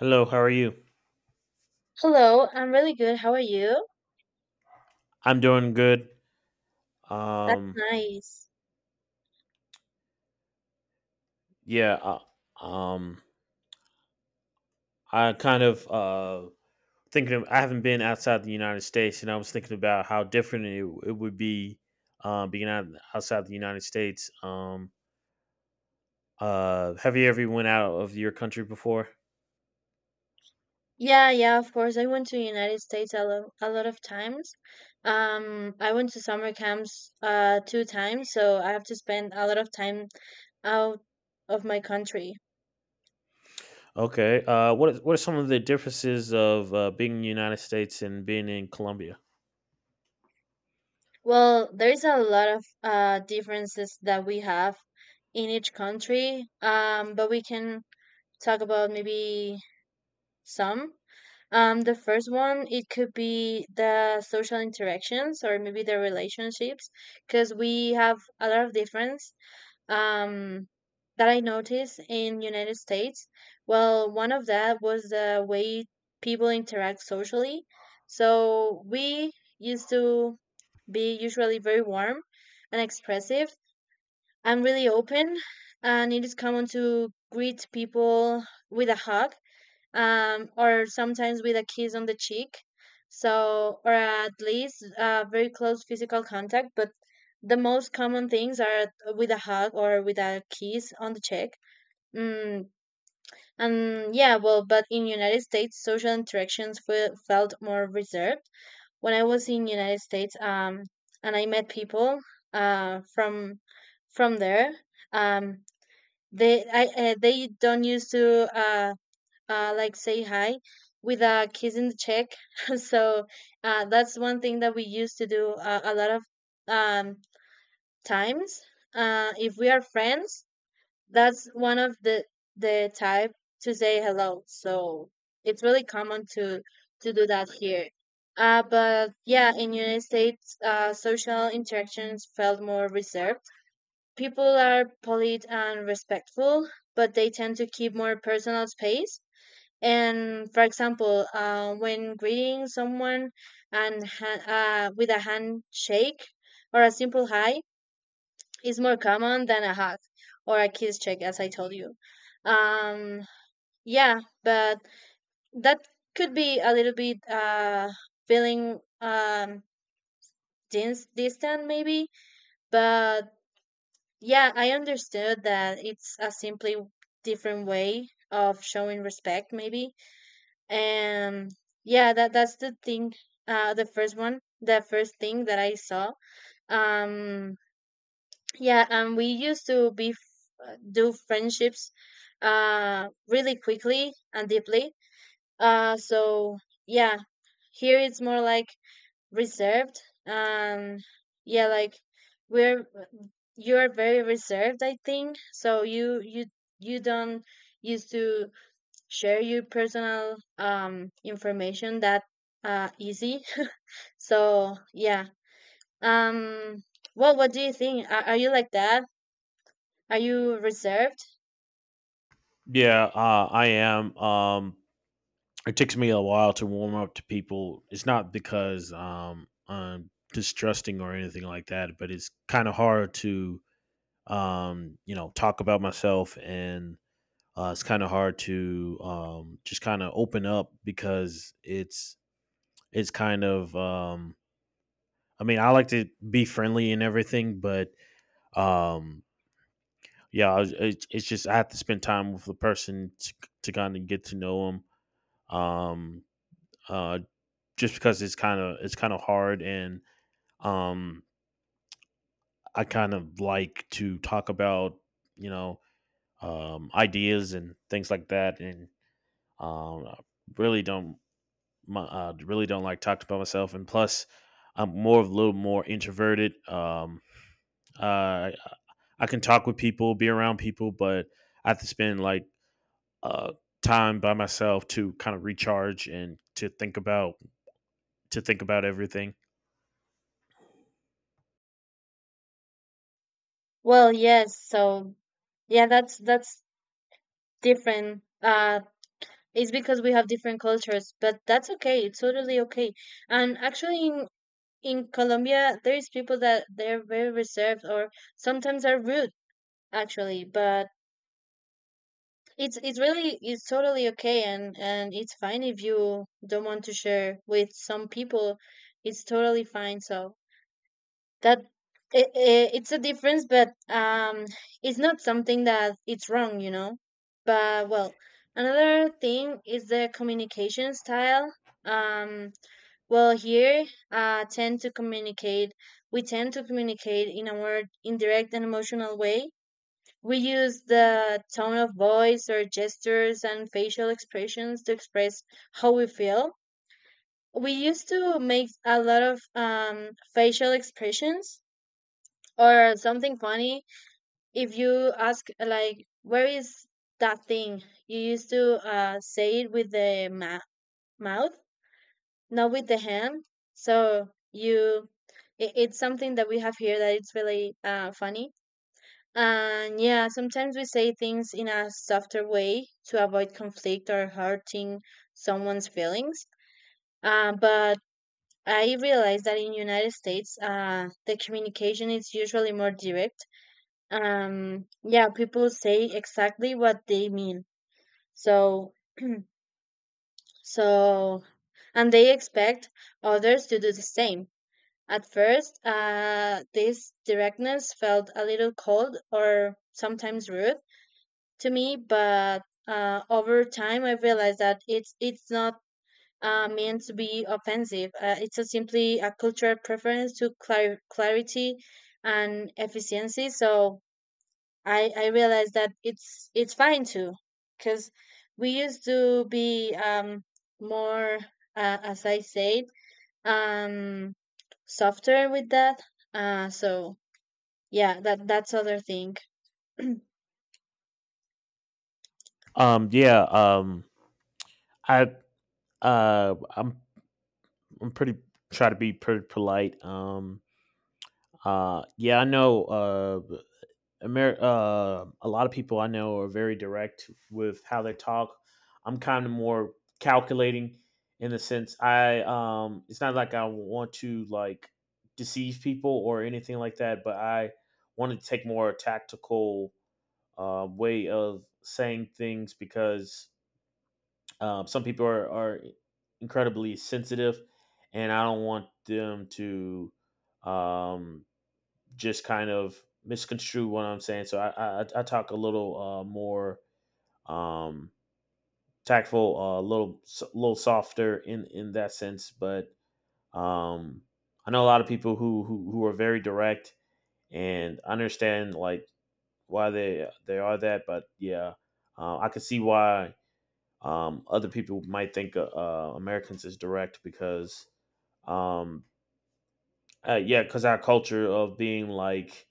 Hello, how are you? Hello, I'm really good. How are you? I'm doing good. That's Um, nice. yeah, uh, um, I kind of thinking of, I haven't been outside the United States, and I was thinking about how different it would be being outside the United States. Have you ever went out of your country before? Yeah, yeah, of course. I went to United States a lot of times. I went to summer camps two times, so I have to spend a lot of time out of my country. Okay. What are some of the differences of being in the United States and being in Colombia? Well, there's a lot of differences that we have in each country. But we can talk about maybe some. The first one, it could be the social interactions or maybe the relationships, because we have a lot of difference um, that I noticed in United States. Well, one of that was the way people interact socially. So we used to be usually very warm and expressive. I'm really open, and it is common to greet people with a hug or sometimes with a kiss on the cheek. So, or at least very close physical contact. But the most common things are with a hug or with a kiss on the cheek. Mm, and yeah, well, but in United States, social interactions felt more reserved. When I was in United States, and I met people from there, um, they don't used to like say hi with a kiss in the cheek. So that's one thing that we used to do a lot of um, times. If we are friends, that's one of the type to say hello. So it's really common to do that here. But yeah, in United States, social interactions felt more reserved. People are polite and respectful, but they tend to keep more personal space, and for example, when greeting someone and with a handshake or a simple hi is more common than a hug or a kiss check, as I told you. Um, yeah, but that could be a little bit feeling distant, maybe. But yeah, I understood that it's a simply different way of showing respect, maybe. And yeah, that's the thing. The first one. The first thing that I saw. Um yeah, and we used to be do friendships really quickly and deeply. So yeah, here it's more like reserved. Um yeah, like we're you're very reserved, I think. So you don't used to share your personal information that easy. So yeah. Um well what do you think? Are you like that? Are you reserved? Yeah, I am. It takes me a while to warm up to people. It's not because I'm distrusting or anything like that, but it's kind of hard to talk about myself, and it's kind of hard to just kind of open up because it's kind of I mean I like to be friendly and everything, but um, yeah, I it's just I have to spend time with the person to kind of get to know them. Uh, just because it's kind of hard, and um, I kind of like to talk about you know ideas and things like that, and I really don't my, really don't like talking about myself, and plus I'm more of a little more introverted. Uh, I can talk with people, be around people, but I have to spend uh, time by myself to kind of recharge and to think about everything. Well, yes, so yeah, that's different. It's because we have different cultures, but that's okay. It's totally okay. And actually in Colombia there is people that they're very reserved or sometimes are rude, actually. But it's totally okay, and it's fine if you don't want to share with some people. It's totally fine. So that it's a difference, but it's not something that it's wrong, you know. But well, another thing is the communication style. Um, well, here, tend to communicate. We tend to communicate in a more indirect and emotional way. We use the tone of voice or gestures and facial expressions to express how we feel. We used to make a lot of facial expressions or something funny. If you ask, like, where is that thing? You used to say it with the mouth, not with the hand. So it's something that we have here that it's really funny. And yeah, sometimes we say things in a softer way to avoid conflict or hurting someone's feelings. But I realize that in United States, the communication is usually more direct. Yeah, people say exactly what they mean. So, so, and they expect others to do the same. At first, this directness felt a little cold or sometimes rude to me. But over time, I realized that it's not meant to be offensive. It's a simply a cultural preference to clarity and efficiency. So I realized that it's fine too, because we used to be more, as I said, um, softer with that. So yeah, that's other thing. Um, yeah, um, I, uh, I'm, I'm pretty try to be pretty polite. Yeah, I know, a lot of people I know are very direct with how they talk. I'm kind of more calculating in the sense it's not like I want to like deceive people or anything like that, but I wanted to take more tactical way of saying things because some people are incredibly sensitive, and I don't want them to um, just kind of misconstrue what I'm saying. So I talk a little more um, tactful, a little little softer in that sense. But um, I know a lot of people who are very direct, and I understand like why they are that. But yeah, I can see why other people might think Americans is direct because, um, yeah, because our culture of being like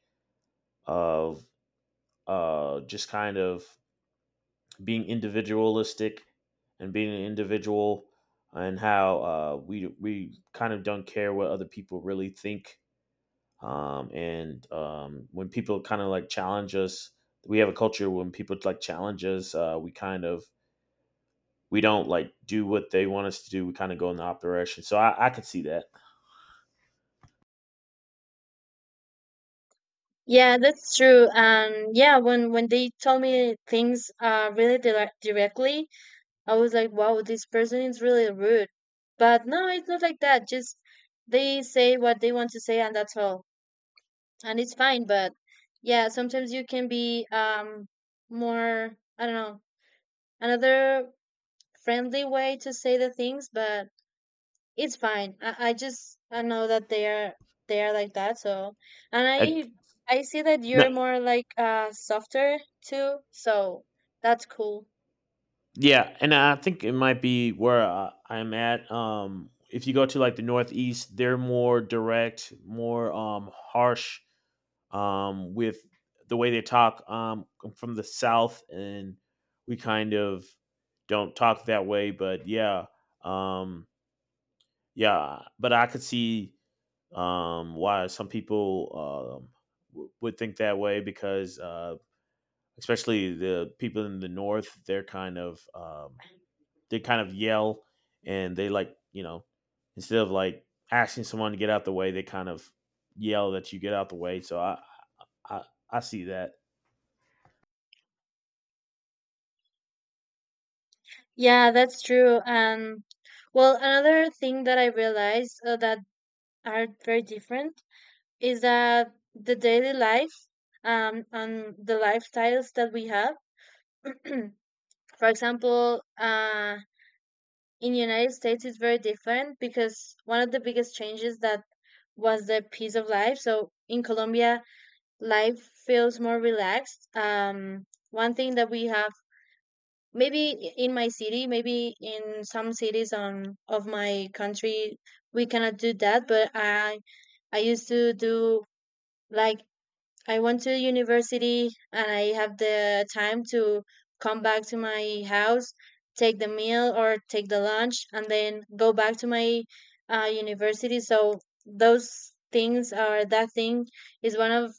of just kind of being individualistic and being an individual, and how we kind of don't care what other people really think. And When people kind of like challenge us, we have a culture when people like challenge us, we we don't like do what they want us to do. We kind of go in the opposite direction. So I could see that. Yeah, that's true. And yeah, when they tell me things really directly, I was like, wow, this person is really rude. But no, it's not like that. Just they say what they want to say, and that's all. And it's fine. But yeah, sometimes you can be more, I don't know, another friendly way to say the things, but it's fine. I just I know that they are like that. So, and I, I see that no, you're more like softer too. So that's cool. Yeah, and I think it might be where I'm at. If you go to like the Northeast, they're more direct, more harsh with the way they talk. I'm from the South, and we kind of don't talk that way. But yeah, um, yeah. But I could see why some people would think that way because, especially the people in the North, they're kind of they kind of yell and they like instead of like asking someone to get out the way, they kind of yell that you get out the way. So I, I see that. Yeah, that's true. And well, another thing that I realized that are very different is that the daily life and the lifestyles that we have. For example, in United States it's very different because one of the biggest changes that was the piece of life. So in Colombia, life feels more relaxed. One thing that we have maybe in my city, maybe in some cities on of my country, we cannot do that. But I used to do, like, I went to university and I have the time to come back to my house, take the meal or take the lunch, and then go back to my university. So those things are that thing is one of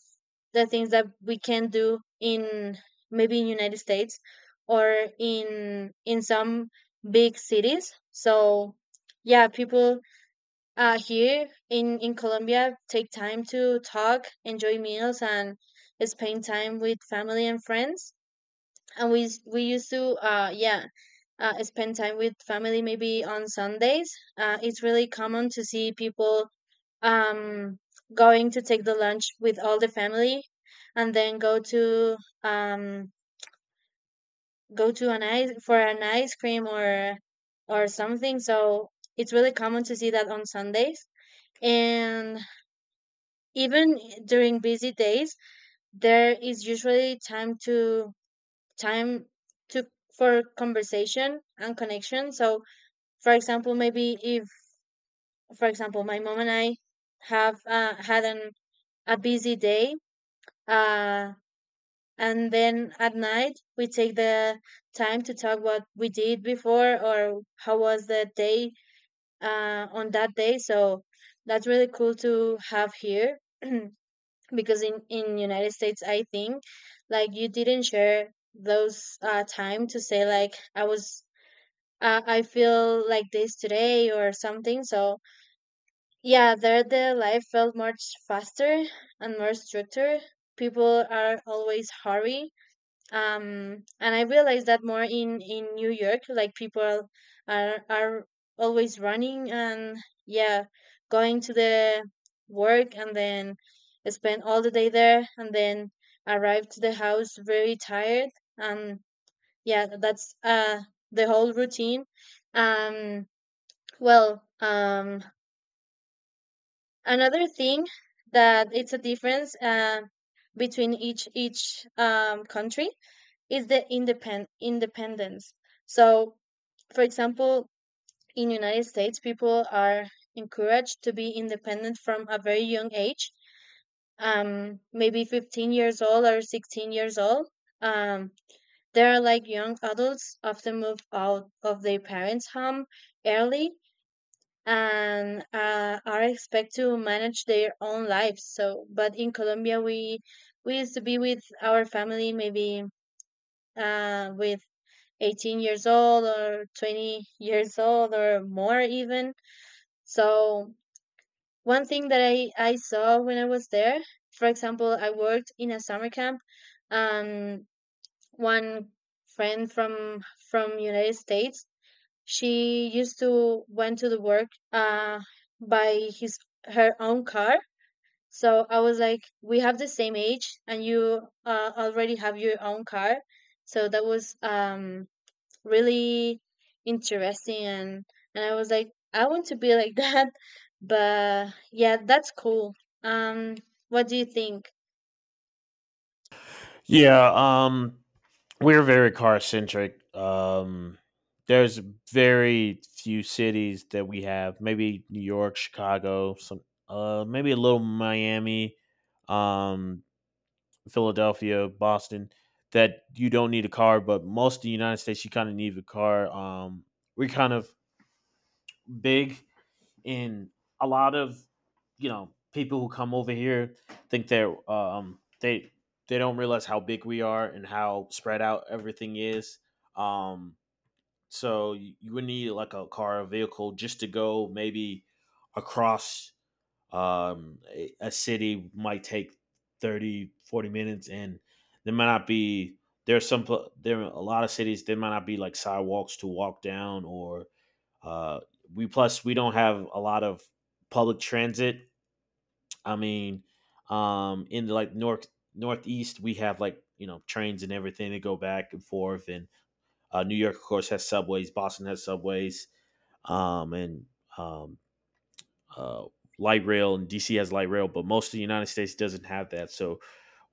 the things that we can do in maybe in United States or in some big cities. So yeah, people here in Colombia, take time to talk, enjoy meals, and spend time with family and friends. And we used to yeah, spend time with family maybe on Sundays. It's really common to see people um going to take the lunch with all the family, and then um go to an ice cream or something. So it's really common to see that on Sundays. And even during busy days, there is usually time to for conversation and connection. So, for example, maybe if, for example, my mom and I have had a busy day, uh, and then at night we take the time to talk what we did before or how was the day on that day. So that's really cool to have here. Because in United States I think, like, you didn't share those time to say, like, I feel like this today or something. So yeah, there the life felt much faster and more structured. People are always hurry. And I realized that more in New York, like people are always running and, yeah, going to the work and then spend all the day there and then arrive to the house very tired. And yeah, that's the whole routine. Um well um another thing that it's a difference, between each country is the independence. So, for example, in United States, people are encouraged to be independent from a very young age, maybe 15 years old or 16 years old. Um, they are like young adults, often move out of their parents' home early and are expected to manage their own lives. So, but in Colombia, we used to be with our family, maybe with 18 years old or 20 years old, or more even. So one thing that I saw when I was there, for example, I worked in a summer camp, and one friend from United States, she used to went to the work by his her own car. So I was like, we have the same age and you already have your own car. So that was really interesting. And I was like, I want to be like that. But yeah, that's cool. Um what do you think? Yeah, um, we're very car centric. There's very few cities that we have. Maybe New York, Chicago, maybe a little Miami, um, Philadelphia, Boston. That you don't need a car, but most of the United States, you kind of need a car. We're kind of big, and a lot of people who come over here think they don't realize how big we are and how spread out everything is, um so you would need like a car or vehicle just to go maybe across a city might take 30, 40 minutes and there might not be there are a lot of cities there might not be like sidewalks to walk down or uh, we plus we don't have a lot of public transit. I mean, in the like northeast, we have like trains and everything that go back and forth. And New York, of course, has subways. Boston has subways, and um, uh, light rail, and DC has light rail. But most of the United States doesn't have that. So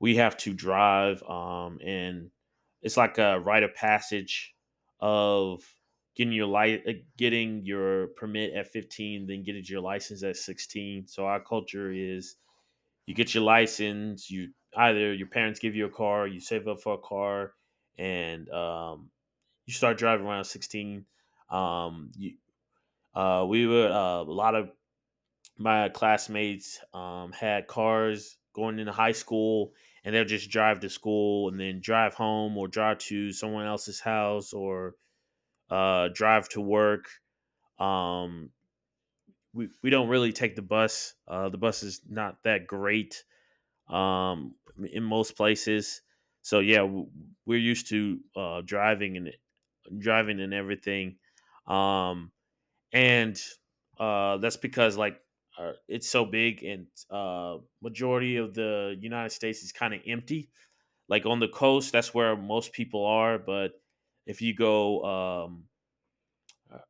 we have to drive, and it's like a rite of passage of getting your permit at 15 then getting your license at 16. So our culture is you get your license, you either your parents give you a car, you save up for a car, and you start driving around 16. You, we were A lot of my classmates had cars going into high school, and they'll just drive to school and then drive home or drive to someone else's house or drive to work. um, we don't really take the bus. The bus is not that great um, in most places. So we're used to driving and everything, um, and that's because like it's so big and majority of the united states is kind of empty, like on the coast that's where most people are, but if you go um,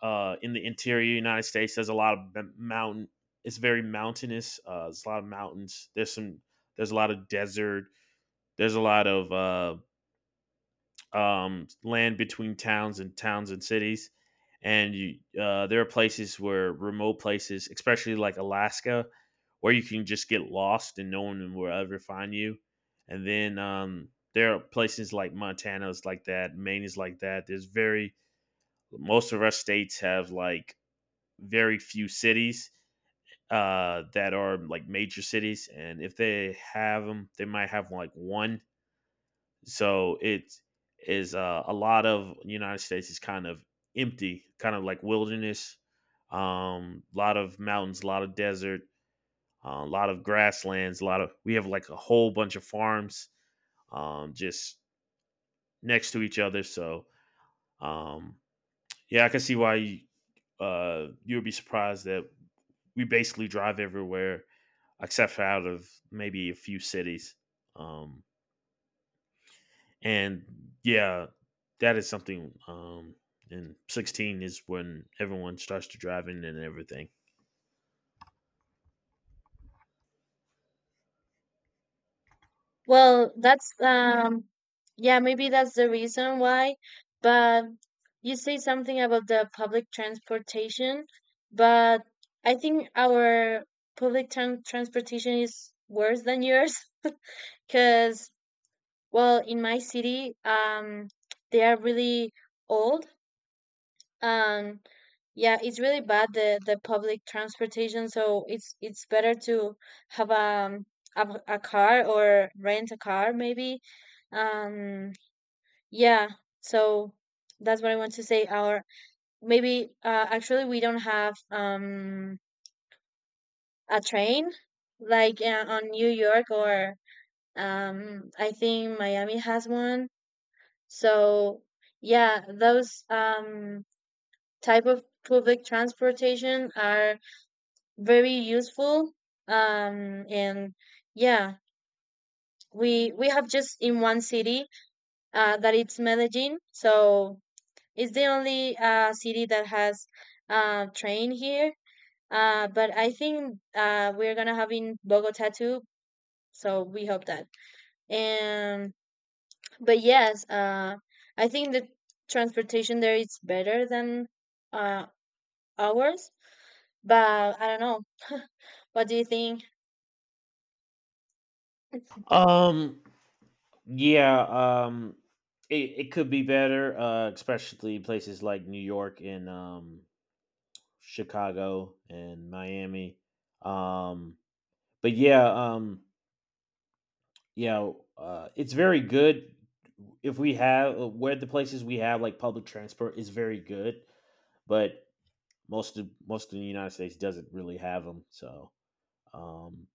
uh, in the interior united states there's a lot of mountain, it's very mountainous. There's some there's a lot of desert, there's a lot of land between towns and cities. And there are places where remote places, especially like Alaska, where you can just get lost and no one will ever find you. And then there are places like Montana is like that, Maine is like that. There's very Most of our states have like very few cities that are like major cities, and if they have them, they might have like one. So it is a lot of United States is kind of empty, kind of like wilderness. A lot of mountains, a lot of desert, a lot of grasslands, a lot of we have like a whole bunch of farms just next to each other. So um, yeah, I can see why you would be surprised that we basically drive everywhere except for out of maybe a few cities. Um, And yeah, that is something. And 16 is when everyone starts to drive in and everything. Well, that's yeah, maybe that's the reason why. But you say something about the public transportation, but I think our public transportation is worse than yours. Because well, in my city, they are really old. Um, yeah, it's really bad the public transportation. So it's better to have a, a car or rent a car maybe. Um yeah, so that's what I want to say. Or maybe actually we don't have a train, like, on New York or I think Miami has one. So yeah, those type of public transportation are very useful. And Yeah, we have just in one city that it's Medellin, so it's the only city that has train here. But I think we're gonna have in Bogota too, so we hope that. And But yes, I think the transportation there is better than uh ours, but I don't know. What do you think? Um, yeah, it, it could be better, especially places like New York and Chicago and Miami. Um, but yeah, um, yeah, it's very good if we have where the places we have like public transport is very good, but most of the United States doesn't really have them. So um,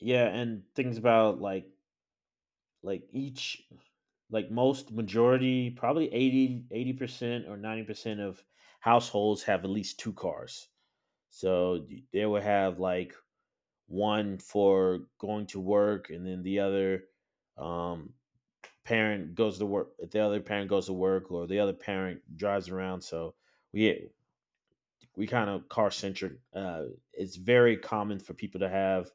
yeah, and things about like each like most majority probably 80% or 90% of households have at least two cars. So they will have like one for going to work, and then the other um, parent goes to work, or the other parent drives around. So we we kind of car centric. It's very common for people to have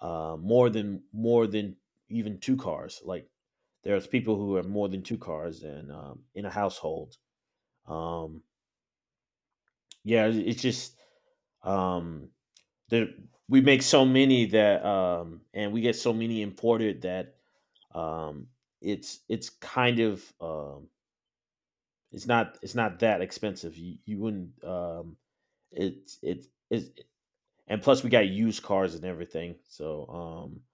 more than even two cars. Like there's people who have more than two cars and in a household. Um, it's just um, there, we make so many that and we get so many imported that um, it's kind of it's not that expensive. You wouldn't it's and plus we got used cars and everything, so um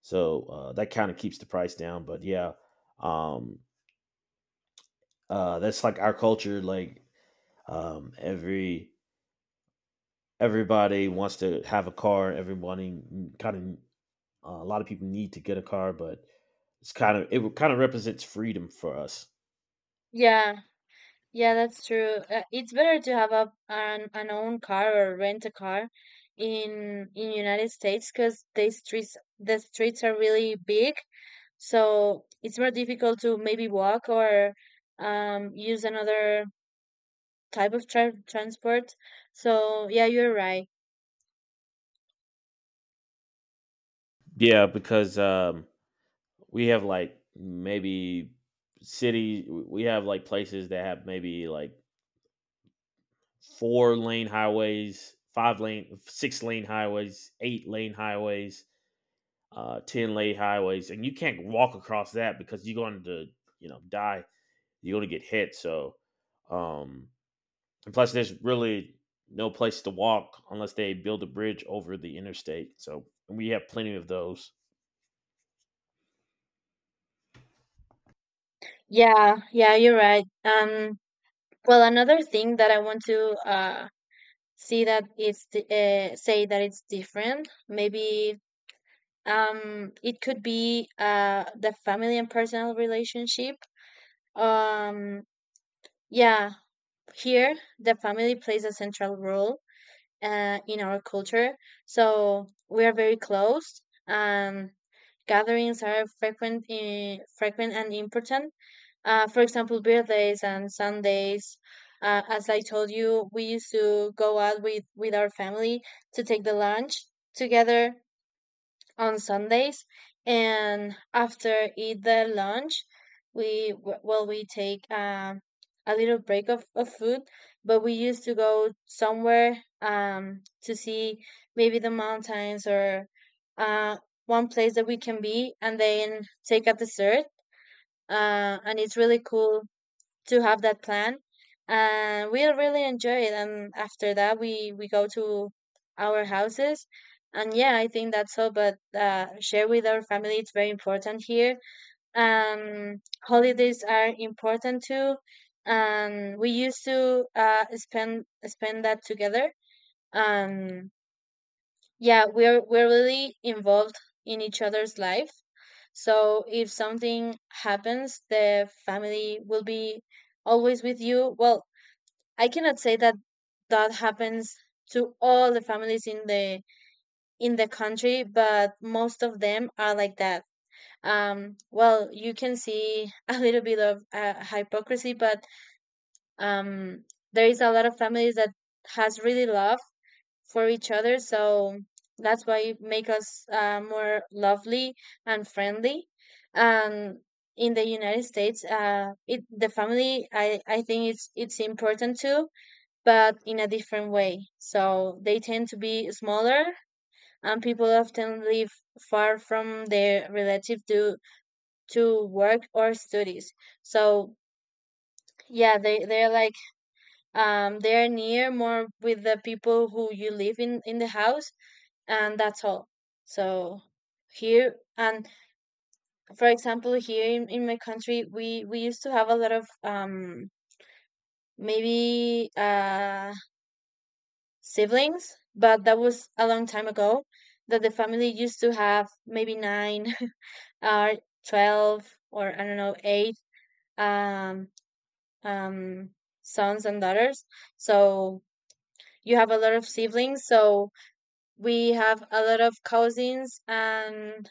so uh that kind of keeps the price down. But yeah, um that's like our culture, like um every everybody wants to have a car, everybody kind of a lot of people need to get a car, but it's kind of it kind of represents freedom for us. Yeah. Yeah, that's true. It's better to have an own car or rent a car in United States, because the streets are really big, so it's more difficult to maybe walk or use another type of transport. So yeah, you're right. Yeah, because we have like maybe city we have like places that have maybe like four-lane highways, five lane, six-lane highways, eight-lane highways, ten-lane highways, and you can't walk across that because you're going to die. You're going to get hit. So, um, and plus, there's really no place to walk unless they build a bridge over the interstate. So we have plenty of those. Yeah, yeah, you're right. Well, another thing that I want to see that it's di- say that it's different, maybe it could be the family and personal relationship. um yeah, here the family plays a central role in our culture, so we are very close. um Gatherings are frequent frequent and important. For example, birthdays and Sundays. As I told you, we used to go out with our family to take the lunch together on Sundays, and after eat the lunch, well we take a little break of food, but we used to go somewhere to see maybe the mountains or uh, one place that we can be, and then take a dessert. And it's really cool to have that plan, and we really enjoy it. And after that we go to our houses. And yeah, I think that's all, but share with our family, it's very important here. um Holidays are important too, and we used to spend that together. um yeah, we're really involved in each other's life. So if something happens, the family will be always with you. Well, I cannot say that that happens to all the families in the country, but most of them are like that. Well, you can see a little bit of hypocrisy, but um there is a lot of families that has really love for each other. So that's why it make us more lovely and friendly. And in the United States, it the family I think it's important too, but in a different way. So they tend to be smaller, and people often live far from their relative to work or studies. So yeah, they're like they're near more with the people who you live in the house, and that's all. So here, and for example, here in my country, we used to have a lot of maybe siblings, but that was a long time ago, that the family used to have maybe nine or 12, or I don't know, eight um um sons and daughters. So you have a lot of siblings, so we have a lot of cousins, and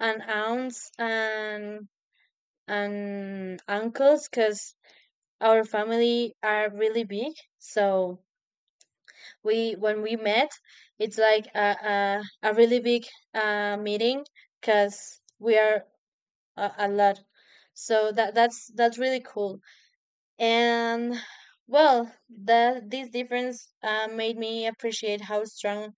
and aunts, and uncles, because our family are really big. So we when we met, it's like a really big meeting, because we are a lot. So that's really cool, and well, that this difference made me appreciate how strong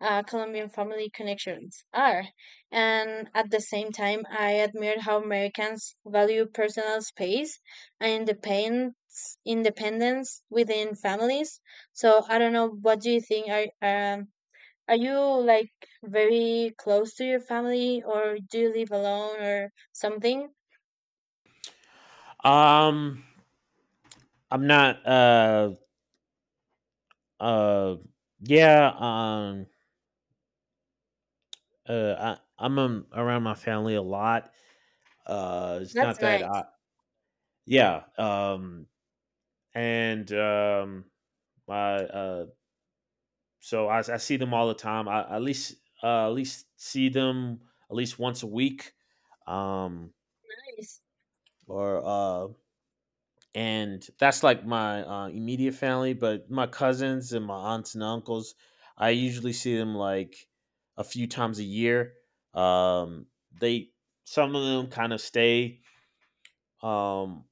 Colombian family connections are, and at the same time, I admired how Americans value personal space and independence within families. So I don't know, what do you think? Are um, are you, like, very close to your family, or do you live alone or something? Um, I'm not. Uh, yeah. Uh, I, I'm around my family a lot. It's That's not that I nice. Yeah, and I uh, so I see them all the time. I at least see them at least once a week, um, Nice. or and that's like my immediate family. But my cousins and my aunts and uncles, I usually see them like a few times a year. Um, they some of them kind of stay um,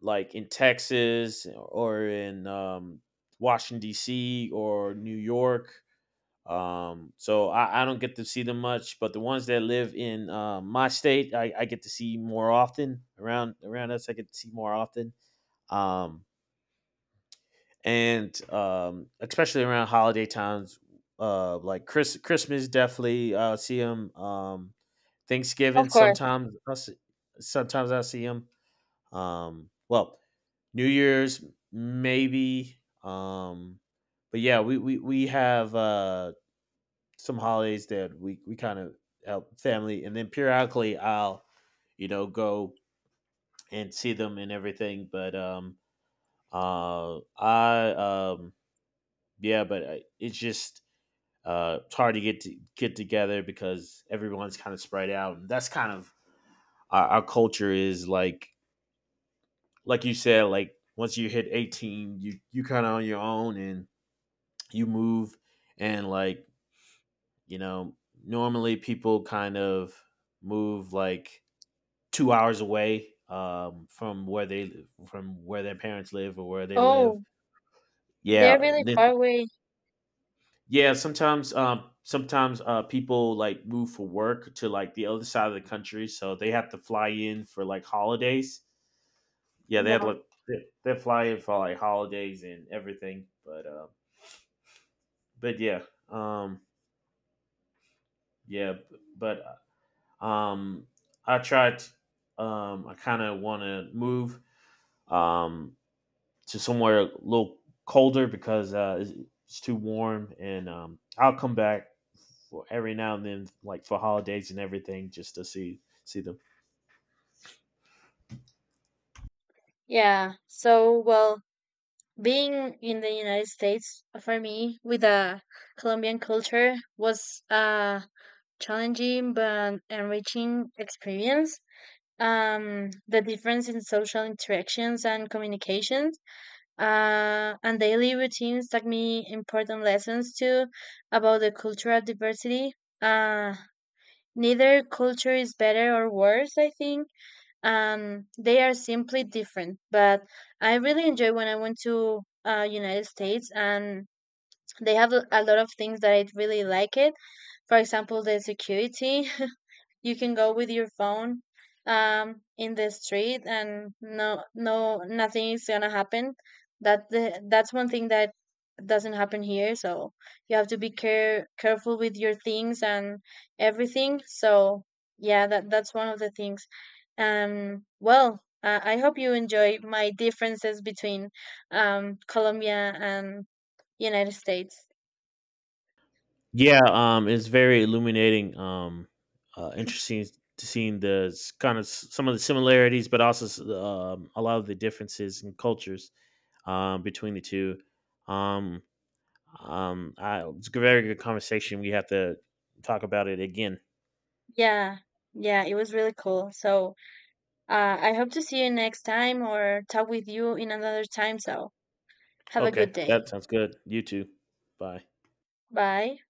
like in Texas or in Washington D.C. or New York. So I don't get to see them much, but the ones that live in my state, I get to see more often. Around us, I get to see more often, um, and especially around holiday times, like Christmas, definitely see them. Thanksgiving, Of course. Sometimes I see them. Well, New Year's maybe. Um, but yeah, we have some holidays that we kind of help family, and then periodically I'll go and see them and everything. But I yeah, but it's just it's hard to get together because everyone's kind of spread out, and that's kind of our culture is like you said, like once you hit 18 you you kind of on your own and you move and like you know normally people kind of move like 2 hours away from where they from where their parents live or where they live. Oh, yeah they're really this, far away. yeah, sometimes people like move for work to like the other side of the country, so they have to fly in for like holidays. yeah they had Yeah. like they- they fly in for like holidays and everything, but yeah. um, yeah but Um, I tried. I kind of want to move um, to somewhere a little colder because it's too warm, and I'll come back for every now and then, like for holidays and everything, just to see them. Yeah. So, well, being in the United States, for me, with the Colombian culture, was a challenging but enriching experience. The difference in social interactions and communications, and daily routines taught me important lessons too about the cultural diversity. Uh, Neither culture is better or worse, I think, and they are simply different. But I really enjoy when I went to United States, and they have a lot of things that I really like it. For example, the security. You can go with your phone in the street, and no, no, nothing is gonna happen. That's one thing that doesn't happen here, so you have to be careful with your things and everything. So yeah, that's one of the things. Well, I hope you enjoy my differences between Colombia and United States. Yeah, it's very illuminating. Interesting to seeing the some of the similarities, but also a lot of the differences in cultures between the two. Um, it's a very good conversation. We have to talk about it again. Yeah, yeah, it was really cool. So I hope to see you next time or talk with you in another time. So have a Okay, good day. that sounds good. You too. Bye. Bye.